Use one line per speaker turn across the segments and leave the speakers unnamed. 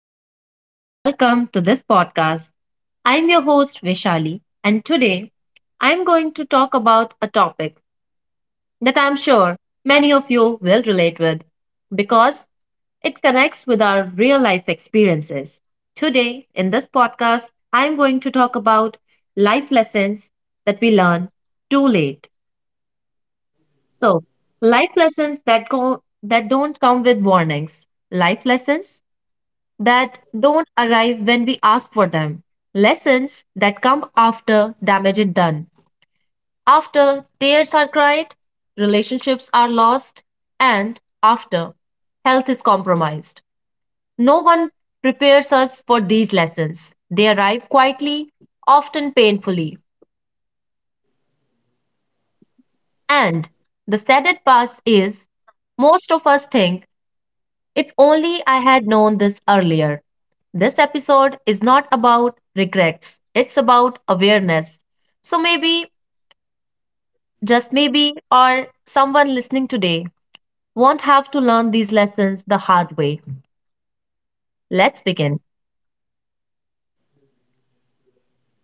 everyone, and welcome to this podcast. I'm your host, Vishali, and today I'm going to talk about a topic that I'm sure many of you will relate with, because it connects with our real life experiences. Today, in this podcast, I'm going to talk about life lessons that we learn too late. So, life lessons that go that don't come with warnings. Life lessons that don't arrive when we ask for them, lessons that come after damage is done, after tears are cried, relationships are lost, and after health is compromised. No one prepares us for these lessons. They arrive quietly, often painfully. And the saddest part is, most of us think, if only I had known this earlier. This episode is not about regrets, it's about awareness. So maybe, just maybe, or someone listening today won't have to learn these lessons the hard way. Let's begin.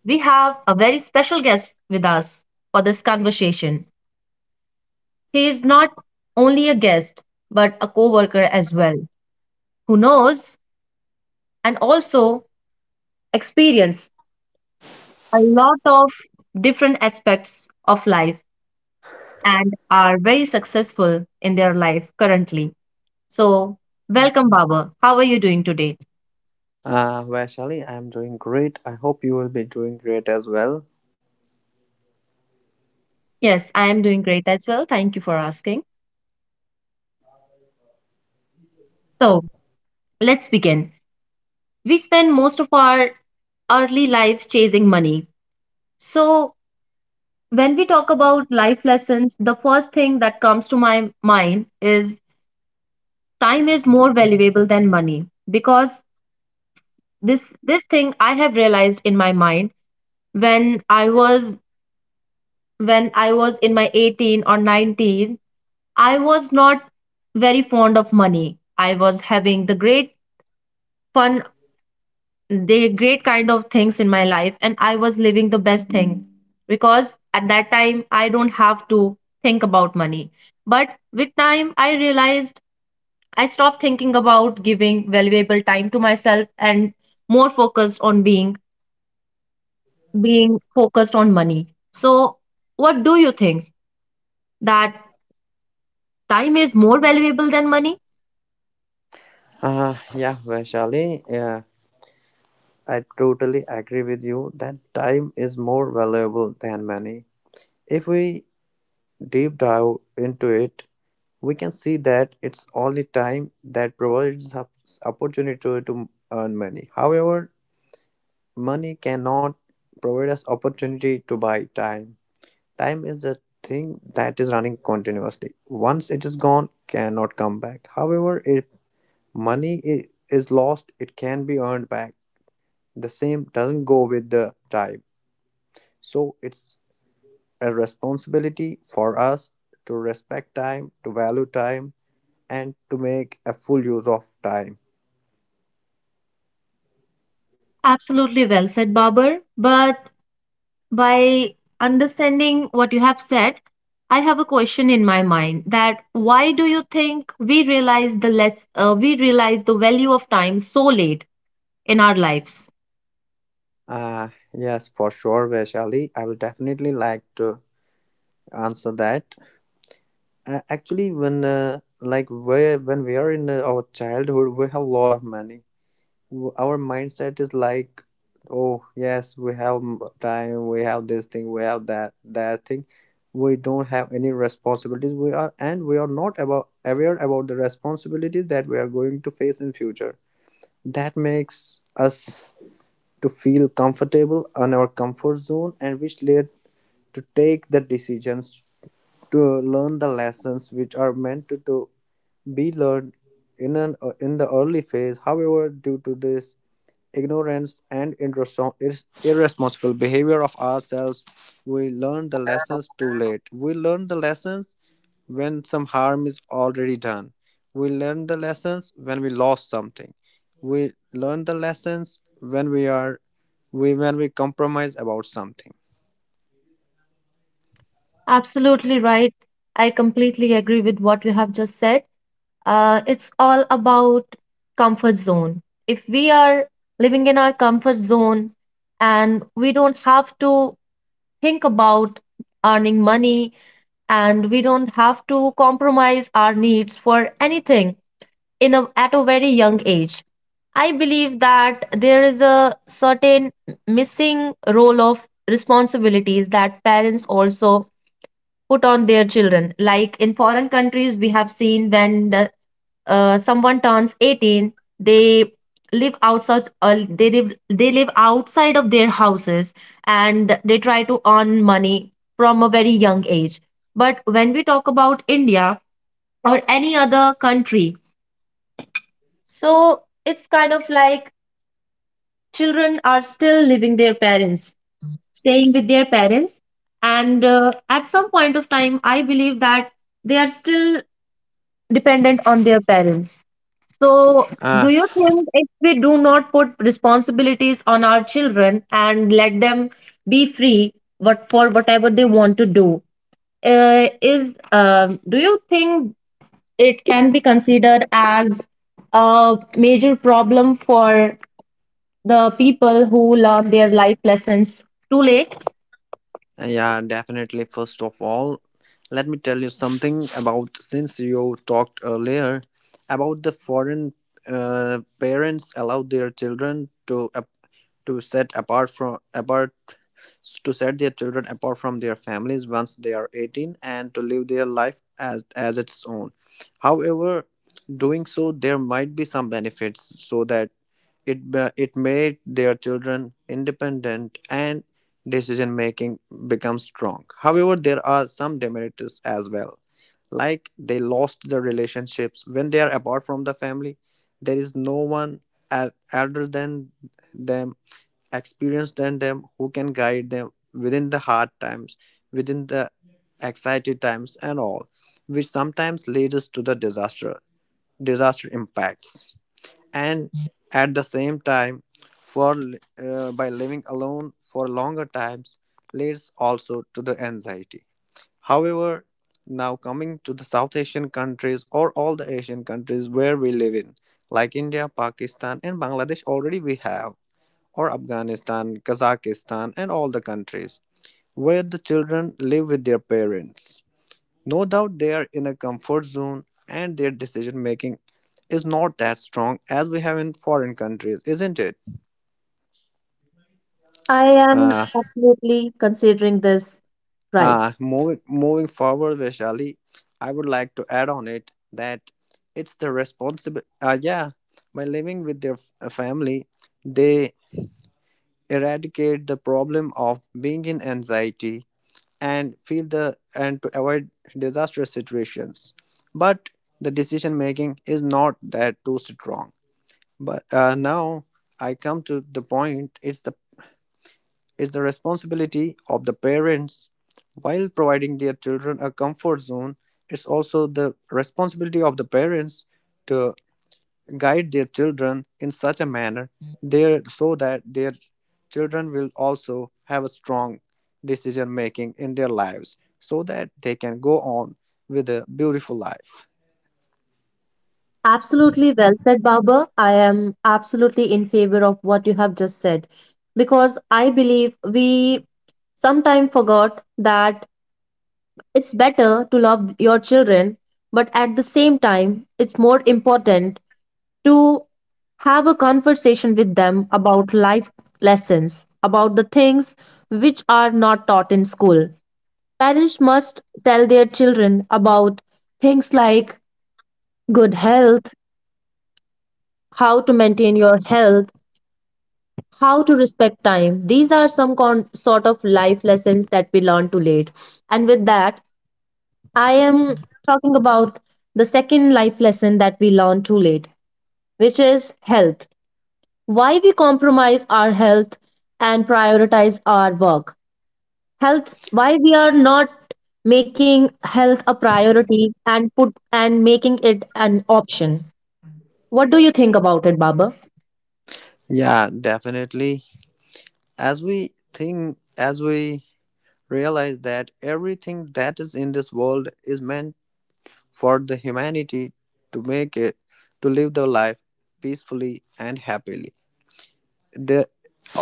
We have a very special guest with us for this conversation. He is not only a guest, but a co worker as well, who knows and also experienced a lot of different aspects of life and are very successful in their life currently. So, welcome, Baba. How are you doing today?
Vaishali, I'm doing great. I hope you will be doing great as well.
Yes, I am doing great as well. Thank you for asking. So, let's begin. We spend most of our early life chasing money. So, when we talk about life lessons, the first thing that comes to my mind is time is more valuable than money, because this thing I have realized in my mind when I was, when I was in my 18 or 19. I was not very fond of money. I was having the great fun, the great kind of things in my life, and I was living the best thing because at that time I don't have to think about money. But with time, I realized I stopped thinking about giving valuable time to myself and more focused on being focused on money. So, what do you think that time is more valuable than money?
Yeah, Vaishali, yeah, I totally agree with you that time is more valuable than money. If we deep dive into it, we can see that it's only time that provides us opportunity to earn money. However, money cannot provide us opportunity to buy time. Time is a thing that is running continuously. Once it is gone, cannot come back. However, if money i- is lost, it can be earned back. The same doesn't go with the time. So it's a responsibility for us to respect time, to value time, and to make a full use of time.
Absolutely well said, Babar. But by understanding what you have said, I have a question in my mind: that why do you think we realize the less we realize the value of time so late in our lives?
Uh, yes, for sure, Vaishali. I will definitely like to answer that. Actually, when like where when we are in our childhood, we have a lot of money. Our mindset is like, oh yes, we have time, we have this thing, we have that thing. We don't have any responsibilities. We are and we are not about aware about the responsibilities that we are going to face in future. That makes us to feel comfortable on our comfort zone, and which led to take the decisions to learn the lessons which are meant to do be learned in the early phase. However, due to this ignorance and irresponsible behavior of ourselves, we learn the lessons too late. We learn the lessons when some harm is already done. We learn the lessons when we lost something. We learn the lessons when we compromise about something.
Absolutely right. I completely agree with what you have just said. It's all about comfort zone. If we are living in our comfort zone and we don't have to think about earning money, and we don't have to compromise our needs for anything at a very young age. I believe that there is a certain missing role of responsibilities that parents also put on their children. Like in foreign countries, we have seen when someone turns 18, they live outside, they live outside of their houses, and they try to earn money from a very young age. But when we talk about India or any other country, so it's kind of like children are still living their parents, staying with their parents, and at some point of time I believe that they are still dependent on their parents. So,
Uh,
do you think if we do not put responsibilities on our children and let them be free what for whatever they want to do, is do you think it can be considered as a major problem for the people who learn their life lessons too late?
Yeah, definitely. First of all, let me tell you something about since you talked earlier about the foreign parents allow their children to set apart from apart to set their children apart from their families once they are 18 and to live their life as its own. However, doing so there might be some benefits so that it made their children independent and decision making become strong. However, there are some demerits as well. Like they lost the relationships when they are apart from the family, there is no one elder than them, experienced than them, who can guide them within the hard times, within the excited times, and all, which sometimes leads us to the disaster, impacts, and at the same time by living alone for longer times leads also to the anxiety. However, now coming to the South Asian countries, or all the Asian countries where we live in, like India, Pakistan and Bangladesh, already we have, or Afghanistan, Kazakhstan and all the countries where the children live with their parents, no doubt they are in a comfort zone and their decision making is not that strong as we have in foreign countries, isn't it?
I am
Uh,
absolutely considering this right.
moving forward, Vaishali, I would like to add on it that it's the responsibility. Yeah, by living with their family, they eradicate the problem of being in anxiety and feel the and to avoid disastrous situations. But the decision making is not that too strong. But now I come to the point, it's the responsibility of the parents. While providing their children a comfort zone, it's also the responsibility of the parents to guide their children in such a manner there so that their children will also have a strong decision making in their lives so that they can go on with a beautiful life.
Absolutely well said, Baba. I am absolutely in favor of what you have just said because I believe we sometimes forgot that it's better to love your children, but at the same time, it's more important to have a conversation with them about life lessons, about the things which are not taught in school. Parents must tell their children about things like good health, how to maintain your health, how to respect time. These are some sort of life lessons that we learn too late. And with that, I am talking about the second life lesson that we learn too late, which is health. Why we compromise our health and prioritize our work. Health, why we are not making health a priority and put and making it an option. What do you think about it, Baba?
Yeah, definitely. As we think as we realize that everything that is in this world is meant for the humanity to make it to live their life peacefully and happily, the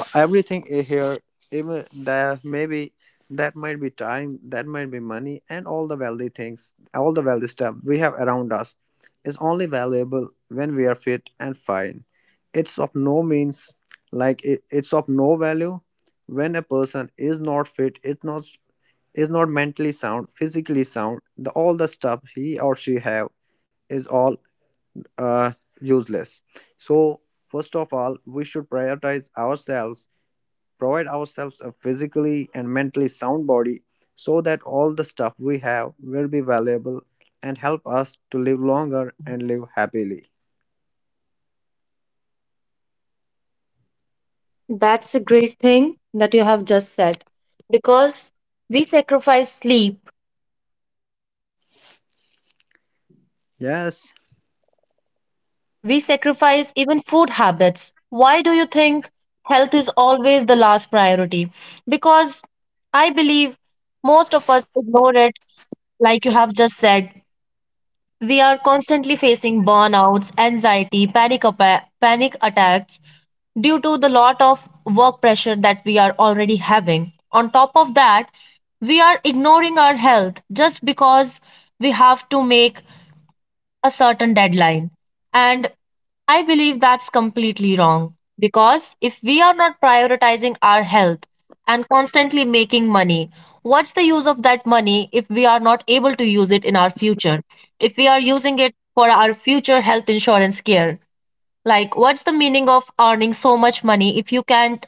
everything here, even there maybe, that might be time, that might be money, and all the wealthy stuff we have around us is only valuable when we are fit and fine. It's of no means. Like it's of no value when a person is not fit. It's not is not mentally sound, physically sound, the all the stuff he or she have is all uh, useless. So first of all, we should prioritize ourselves, provide ourselves a physically and mentally sound body so that all the stuff we have will be valuable and help us to live longer and live happily.
That's a great thing that you have just said, because we sacrifice sleep,
Yes,
we sacrifice even food habits. Why do you think health is always the last priority? Because I believe most of us ignore it, like you have just said. We are constantly facing burnouts, anxiety, panic, panic attacks due to the lot of work pressure that we are already having. On top of that, we are ignoring our health just because we have to make a certain deadline. And I believe that's completely wrong, because if we are not prioritizing our health and constantly making money, what's the use of that money if we are not able to use it in our future? If we are using it for our future health insurance care, like what's the meaning of earning so much money if you can't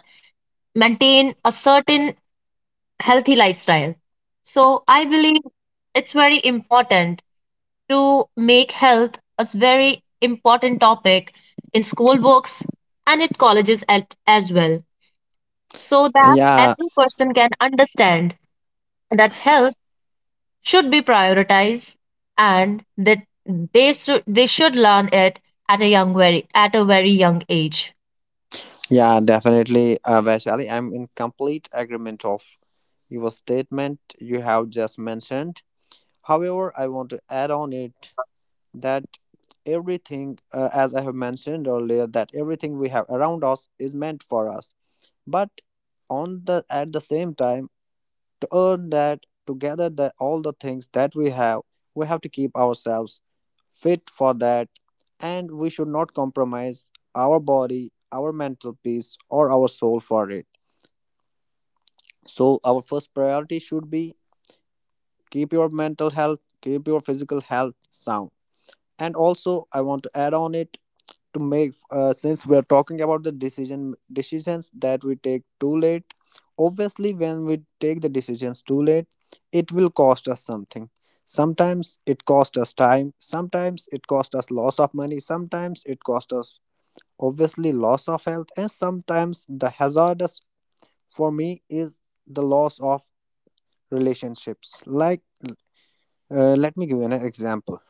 maintain a certain healthy lifestyle? So I believe it's very important to make health a very important topic in school books and in colleges as well, so that
yeah,
every person can understand that health should be prioritized, and that they should learn it at a very young age.
yeah, definitely. Vaishali, I'm in complete agreement of your statement you have just mentioned. However, I want to add on it that everything, as I have mentioned earlier, that everything we have around us is meant for us. But on the at the same time, to earn that, to gather all the things that we have to keep ourselves fit for that, and we should not compromise our body, our mental peace, or our soul for it. So our first priority should be keep your mental health, keep your physical health sound. And also I want to add on it, to make since we are talking about the decisions that we take too late, obviously when we take the decisions too late, it will cost us something. Sometimes it cost us time, sometimes it cost us loss of money, sometimes it cost us obviously loss of health, and sometimes the hazardous for me is the loss of relationships. Like, let me give you an example.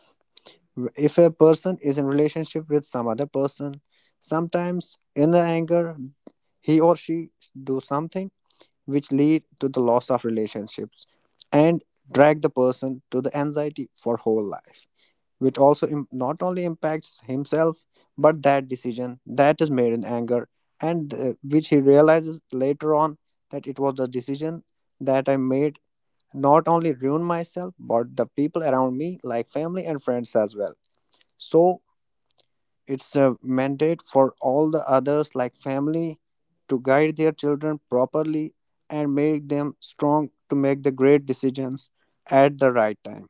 If a person is in relationship with some other person, sometimes in the anger, he or she do something which lead to the loss of relationships and drag the person to the anxiety for whole life, which also not only impacts himself, but that decision that is made in anger, and which he realizes later on that it was the decision that I made, not only ruin myself but the people around me like family and friends as well. So it's a mandate for all the others, like family, to guide their children properly and make them strong to make the great decisions at the right time.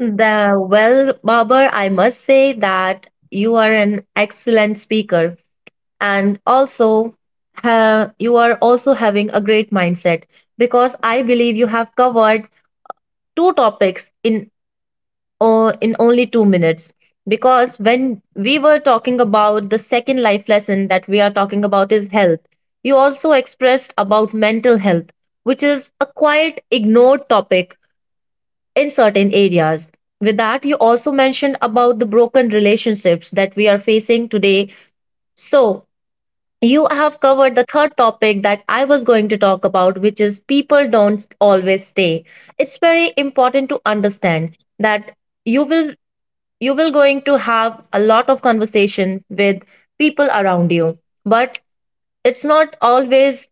The well, Babar, I must say that you are an excellent speaker, and also you are also having a great mindset, because I believe you have covered two topics in only 2 minutes. Because when we were talking about the second life lesson that we are talking about is health, you also expressed about mental health, which is a quite ignored topic in certain areas. With that, you also mentioned about the broken relationships that we are facing today. So you have covered the third topic that I was going to talk about, which is people don't always stay. It's very important to understand that you will you will going to have a lot of conversation with people around you, but it's not always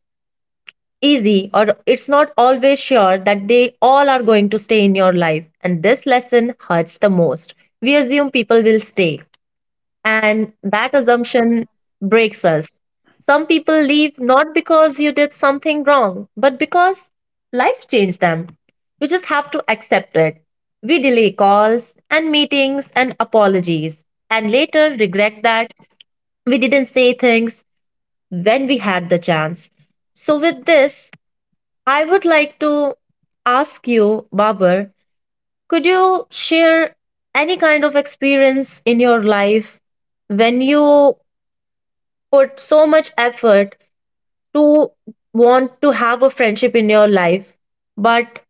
easy or it's not always sure that they all are going to stay in your life, and this lesson hurts the most. We assume people will stay, and that assumption breaks us. Some people leave not because you did something wrong, but because life changed them. You just have to accept it. We delay calls and meetings and apologies, and later regret that we didn't say things when we had the chance. So, with this, I would like to ask you, Babar, could you share any kind of experience in your life when you put so much effort to want to have a friendship in your life, but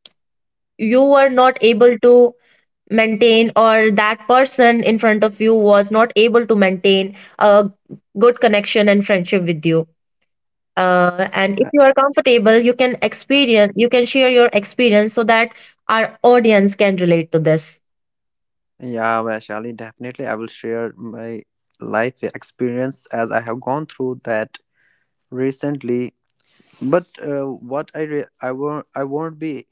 you were not able to maintain, or that person in front of you was not able to maintain a good connection and friendship with you. And if
Uh,
you are comfortable, you can share your experience so that our audience can relate to this.
Yeah, Vaishali, definitely. I will share my life experience as I have gone through that recently. But what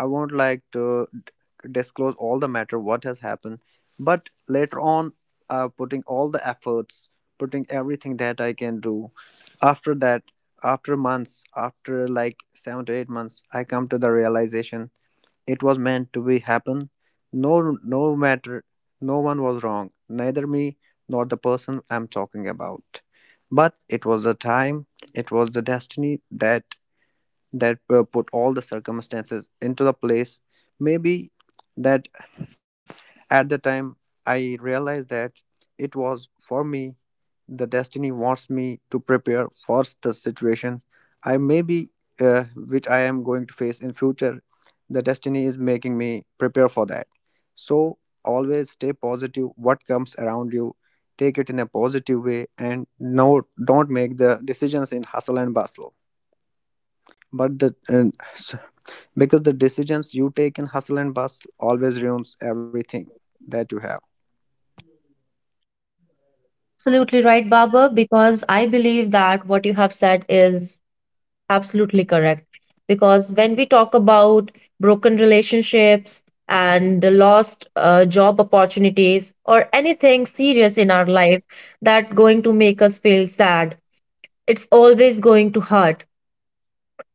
I won't like to disclose all the matter what has happened, but later on, putting all the efforts, putting everything that I can do. After that, after months, after like 7 to 8 months, I come to the realization it was meant to be happen. No, no matter, no one was wrong, neither me nor the person I'm talking about. But it was the time, it was the destiny that put all the circumstances into the place. Maybe that at the time I realized that it was for me, the destiny wants me to prepare for the situation I maybe which I am going to face in future. The destiny is making me prepare for that. So always stay positive, what comes around you, take it in a positive way. And no, don't make the decisions in hustle and bustle, but the and because the decisions you take in hustle and bustle always ruins everything that you have.
Absolutely right, Baba, because I believe that what you have said is absolutely correct. Because when we talk about broken relationships and the lost job opportunities or anything serious in our life that going to make us feel sad, it's always going to hurt.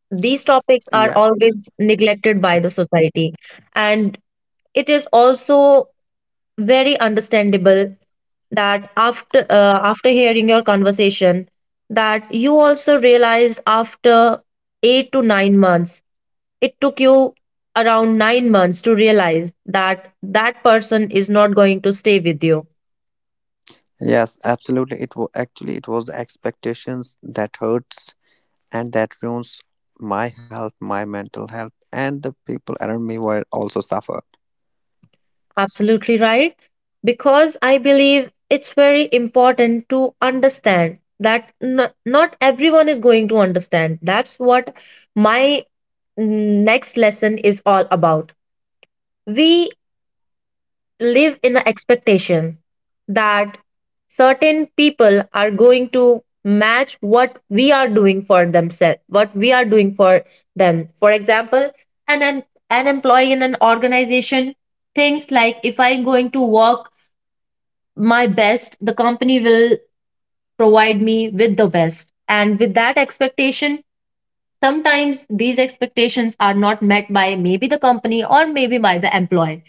These topics are
Yeah.
always neglected by the society. And it is also very understandable that after hearing your conversation that you also realized after 8 to 9 months, it took you around 9 months to realize that that person is not going to stay with you.
Yes, absolutely, it was actually, it was the expectations that hurts and that ruins my health, my mental health, and the people around me were also suffered.
Absolutely right. Because I believe it's very important to understand that not everyone is going to understand. That's what my next lesson is all about. We live in the expectation that certain people are going to match what we are doing for themselves, what we are doing for them. For example, an an, an employee in an organization thinks like, if I'm going to work my best, the company will provide me with the best. And with that expectation, sometimes these expectations are not met by maybe the company or maybe by the employee,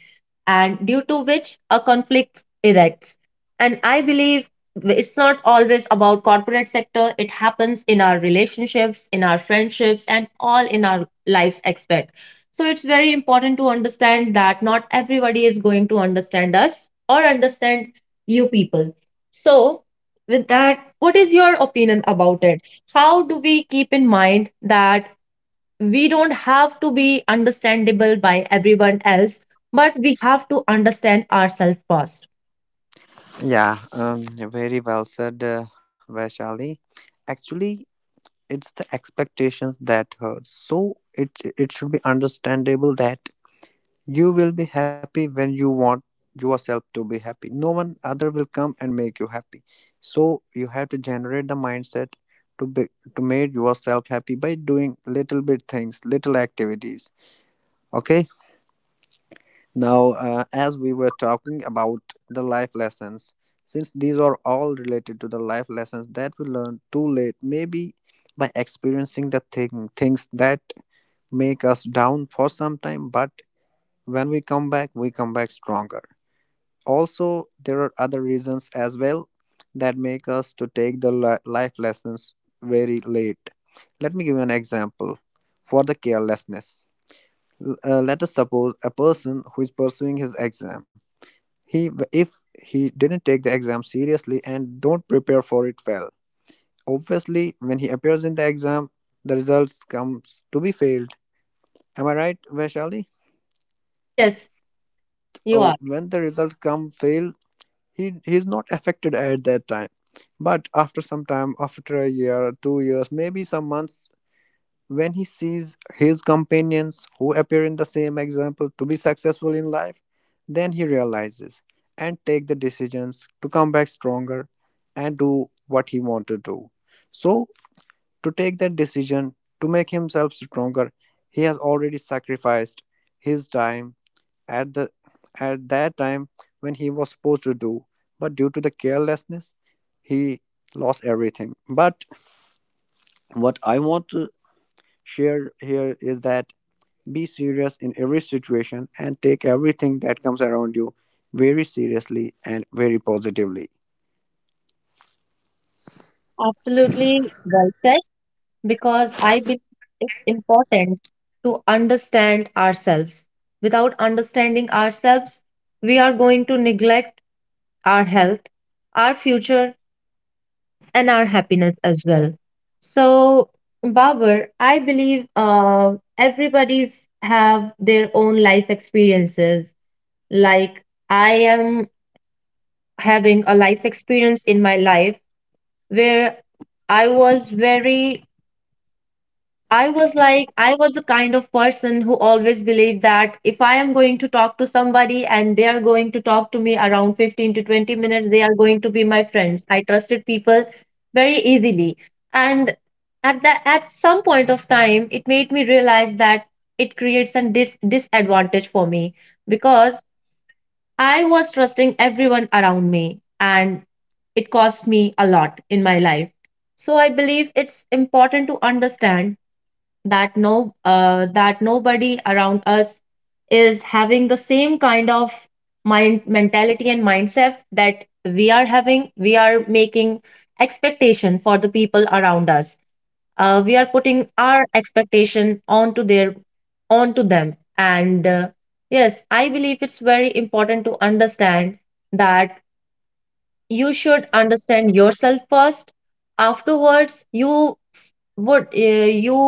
and due to which a conflict erects. And I believe it's not always about corporate sector, it happens in our relationships, in our friendships and all in our lives expect. So it's very important to understand that not everybody is going to understand us, or understand you people. So with that, what is your opinion about it? How do we keep in mind that we don't have to be understandable by everyone else, but we have to understand ourselves first?
Yeah. Very well said, Vaishali. Actually, it's the expectations that hurts. So it it should be understandable that you will be happy when you want yourself to be happy. No one other will come and make you happy. So you have to generate the mindset to be to make yourself happy by doing little bit things, little activities. Okay. Now, as we were talking about the life lessons, since these are all related to the life lessons that we learn too late, maybe by experiencing the things that make us down for some time, but when we come back stronger. Also, there are other reasons as well that make us to take the life lessons very late. Let me give you an example for the carelessness. Let us suppose a person who is pursuing his exam. He, if he didn't take the exam seriously and don't prepare for it well, obviously when he appears in the exam, the results comes to be failed. Am I right, Vaishali?
Yes, you are
Oh, when the results come fail, he's not affected at that time, but after some time, after a year, 2 years, maybe some months, when he sees his companions who appear in the same example to be successful in life, then he realizes and take the decisions to come back stronger and do what he want to do. So to take that decision, to make himself stronger, he has already sacrificed his time at the at that time when he was supposed to do, but due to the carelessness, he lost everything. But what I want to share here is that be serious in every situation and take everything that comes around you very seriously and very positively.
absolutely well said, because I believe it's important to understand ourselves. Without understanding ourselves, we are going to neglect our health, our future, and our happiness as well. So, Babur, I believe have their own life experiences. Like I am having a life experience in my life where I was very I was the kind of person who always believed that if I am going to talk to somebody and they are going to talk to me around 15 to 20 minutes, they are going to be my friends. I trusted people very easily. And at some point of time, it made me realize that it creates a disadvantage for me because I was trusting everyone around me and it cost me a lot in my life. So I believe it's important to understand that no that nobody around us is having the same kind of mind mentality and mindset that we are having. We are making expectation for the people around us. Uh, we are putting our expectation onto them, and yes, I believe it's very important to understand that you should understand yourself first. Afterwards you s- would you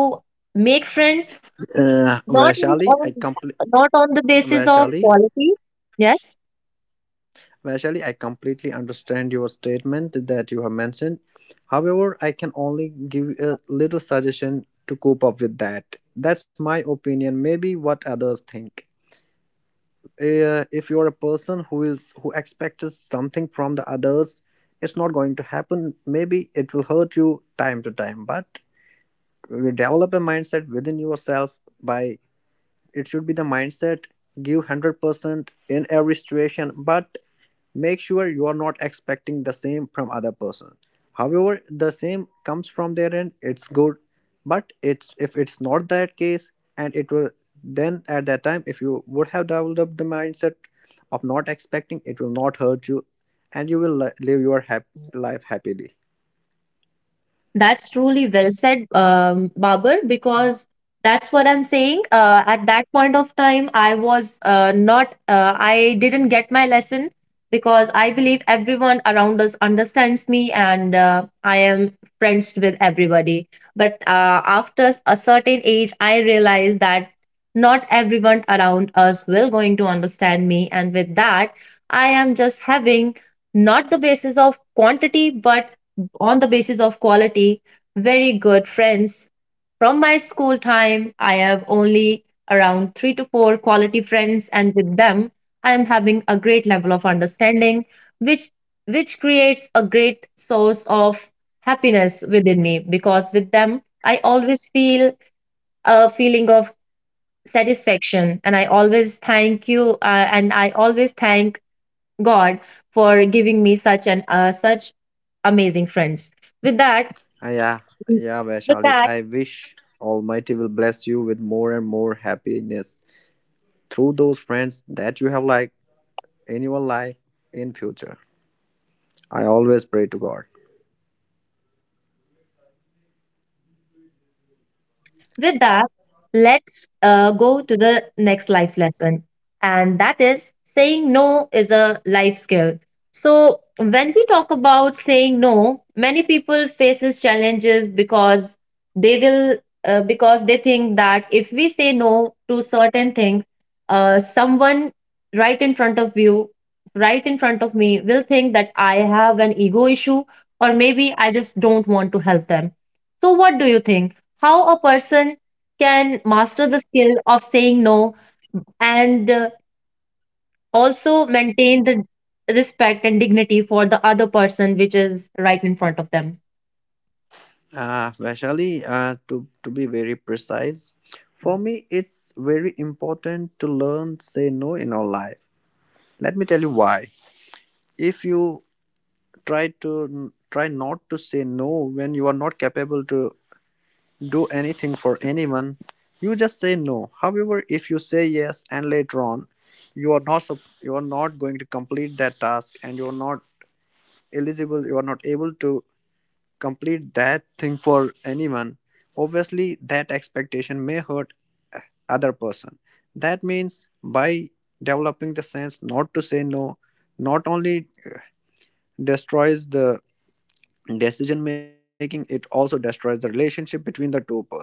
make friends not in
Vaishali,
on not on the basis of
Vaishali,
quality. Yes.
Vaishali, I completely understand your statement that you have mentioned. However, I can only give a little suggestion to cope up with that. That's my opinion, maybe what others think. If you're a person who is who expects something from the others, it's not going to happen. Maybe it will hurt you time to time, but you develop a mindset within yourself by it should be the mindset, give 100% in every situation, but make sure you are not expecting the same from other person. However, the same comes from their end, it's good. But it's, if it's not that case, and it will, then at that time, if you would have developed the mindset of not expecting, it will not hurt you and you will live your life happily.
That's truly well said, Babar, because that's what I'm saying. At that point of time, I was not, I didn't get my lesson because I believe everyone around us understands me, and I am friends with everybody. But after a certain age, I realized that not everyone around us will going to understand me. And with that, I am just having not the basis of quantity, but on the basis of quality, very good friends. From my school time, I have only around three to four quality friends, and with them, I am having a great level of understanding, which which creates a great source of happiness within me because with them I always feel a feeling of satisfaction, and I always thank God for giving me such an such amazing friends. With that,
Ah, yeah.
嗯，
Yeah,
就
Vaishali,
大
I wish Almighty will bless you with more and more happiness through those friends that you have, like, in your life in future. I always pray to god.
with that, let's go to the next life lesson, and that is saying no is a life skill. So when we talk about saying no, many people faces challenges because they will because they think that if we say no to certain things, someone right in front of you, right in front of me, will think that I have an ego issue, or maybe I just don't want to help them. So what do you think? How a person can master the skill of saying no, and also maintain the respect and dignity for the other person which is right in front of them?
Vaishali, to be very precise, for me it's very important to learn say no in our life. Let me tell you why. If you try not to say no when you are not capable to do anything for anyone, you just say no. However, if you say yes and later on you are not you are not going to complete that task and you are not eligible, you are not able to complete that thing for anyone, obviously that expectation may hurt, uh, other person. That means by developing the sense not to say no not only destroys the decision making, it also destroys the relationship between the two person.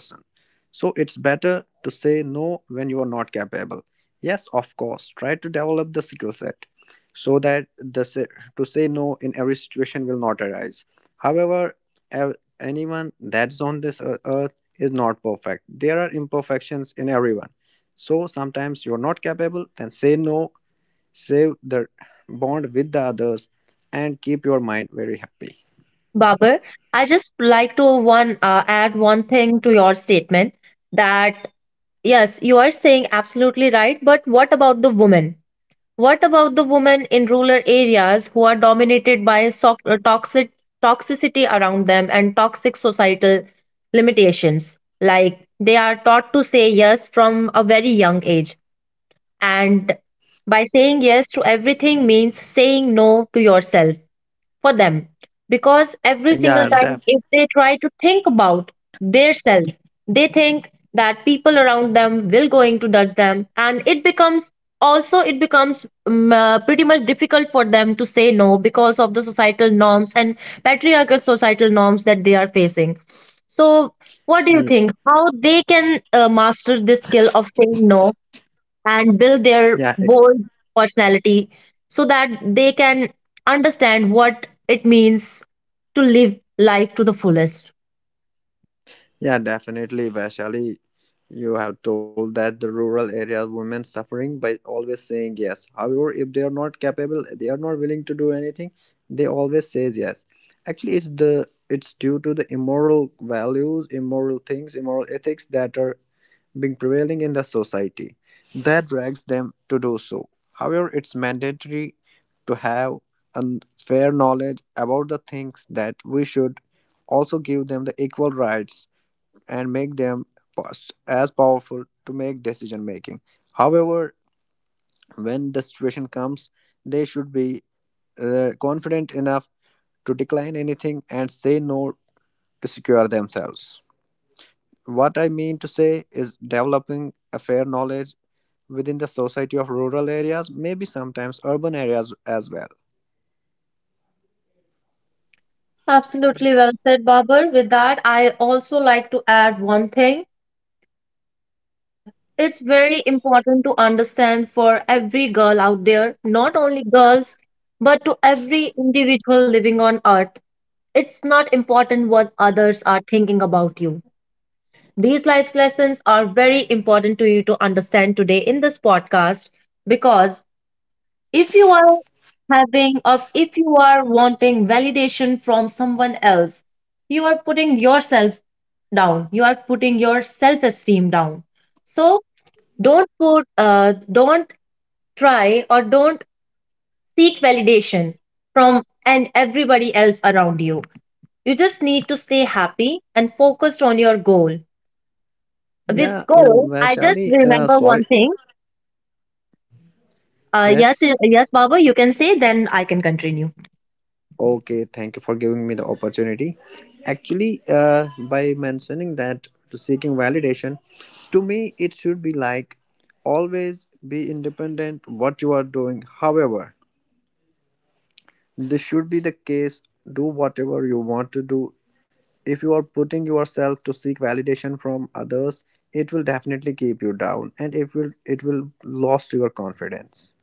So it's better to say no when you are not capable. Yes, of course, try to develop the skill set so that the to say no in every situation will not arise. However, anyone that's on this earth is not perfect, there are imperfections in everyone. So sometimes you're not capable, then say no, save the bond with the others and keep your mind very happy.
Babar, I just like to one add one thing to your statement, that yes, you are saying absolutely right, but what about the woman? What about the women in rural areas who are dominated by toxic toxicity around them and toxic societal limitations? Like they are taught to say yes from a very young age, and by saying yes to everything means saying no to yourself for them, because every single
Yeah.
time if they try to think about their self, they think that people around them will going to judge them, and it becomes, pretty much difficult for them to say no because of the societal norms and patriarchal societal norms that they are facing. So what do you
Uh,
think, how they can master this skill of saying no and build their
Yeah,
bold personality so that they can understand what it means to live life to the fullest.
yeah, definitely, Vaishali. You have told that the rural areas women suffering by always saying yes. However, if they are not capable, they are not willing to do anything, they always says yes. Actually, it's due to the immoral values, immoral things, immoral ethics that are being prevailing in the society that drags them to do so. However, it's mandatory to have a fair knowledge about the things that we should also give them the equal rights and make them as powerful to make decision making. However, when the situation comes, they should be confident enough to decline anything and say no to secure themselves. What I mean to say is developing a fair knowledge within the society of rural areas, maybe sometimes urban areas as well.
Absolutely well said, Babar. With that, I also like to add one thing. It's very important to understand for every girl out there, not only girls, but to every individual living on earth. It's not important what others are thinking about you. These life lessons are very important to you to understand today in this podcast, because if you are having of if you are wanting validation from someone else, you are putting yourself down. You are putting your self-esteem down. So don't try or don't seek validation from and everybody else around you. You just need to stay happy and focused on your goal. With
Yeah,
Go, I just
Vaishali,
remember one
sorry.
thing.
Yes.
Yes, Baba, you can say, then I can continue.
Okay, thank you for giving me the opportunity. Actually, by mentioning that to seeking validation, to me, it should be like always be independent what you are doing. However, this should be the case. Do whatever you want to do. If you are putting yourself to seek validation from others, it will definitely keep you down and it will lost your confidence.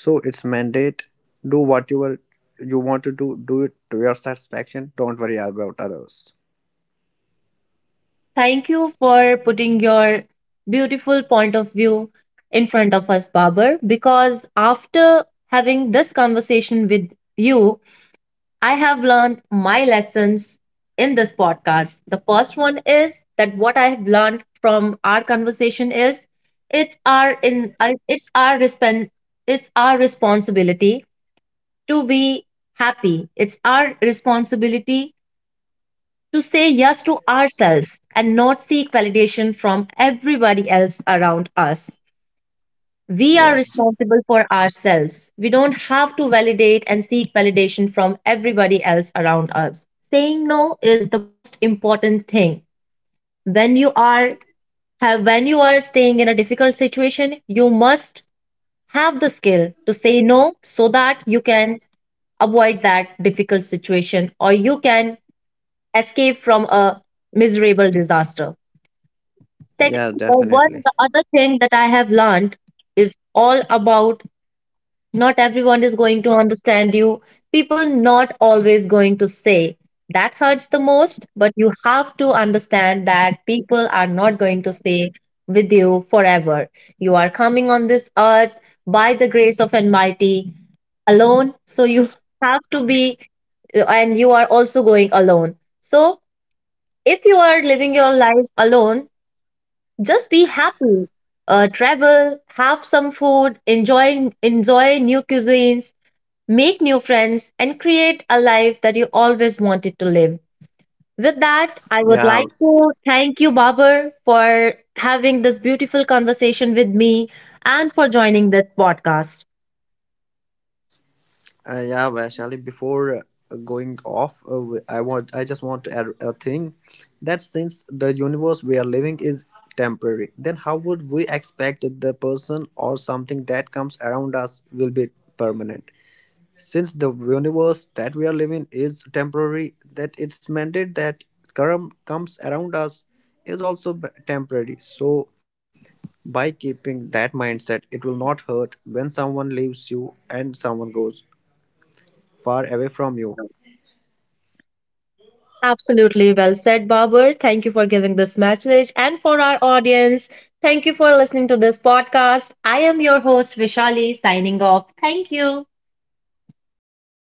So it's mandate, do whatever you want to do, do it to your satisfaction, don't worry about others.
Thank you for putting your beautiful point of view in front of us, Babar, because after having this conversation with you, I have learned my lessons in this podcast. The first one is that what I have learned from our conversation is it's our in uh, it's our respen- it's our responsibility to be happy. It's our responsibility to say yes to ourselves and not seek validation from everybody else around us. We are
Yes.
responsible for ourselves. We don't have to validate and seek validation from everybody else around us. Saying no is the most important thing. When you are when you are staying in a difficult situation, you must have the skill to say no so that you can avoid that difficult situation, or you can escape from a miserable disaster. Second,
Yeah, definitely.
the other thing that I have learned is all about not everyone is going to understand you. People not always going to say that hurts the most, but you have to understand that people are not going to stay with you forever. You are coming on this earth by the grace of almighty alone, so you have to be, and you are also going alone. So if you are living your life alone, just be happy. Uh, travel, have some food, enjoy new cuisines, make new friends, and create a life that you always wanted to live. With that, I would
Yeah.
like to thank you, Babar, for having this beautiful conversation with me and for joining this podcast.
Yeah, Vaishali, before going off, I just want to add a thing that since the universe we are living is temporary, then how would we expect the person or something that comes around us will be permanent? Since the universe that we are living is temporary, that it's mandated that current comes around us is also temporary. So by keeping that mindset, it will not hurt when someone leaves you and someone goes far away from you.
Absolutely well said, Babar. Thank you for giving this message. And for our audience, thank you for listening to this podcast. I am your host, Vishali, signing off. Thank you.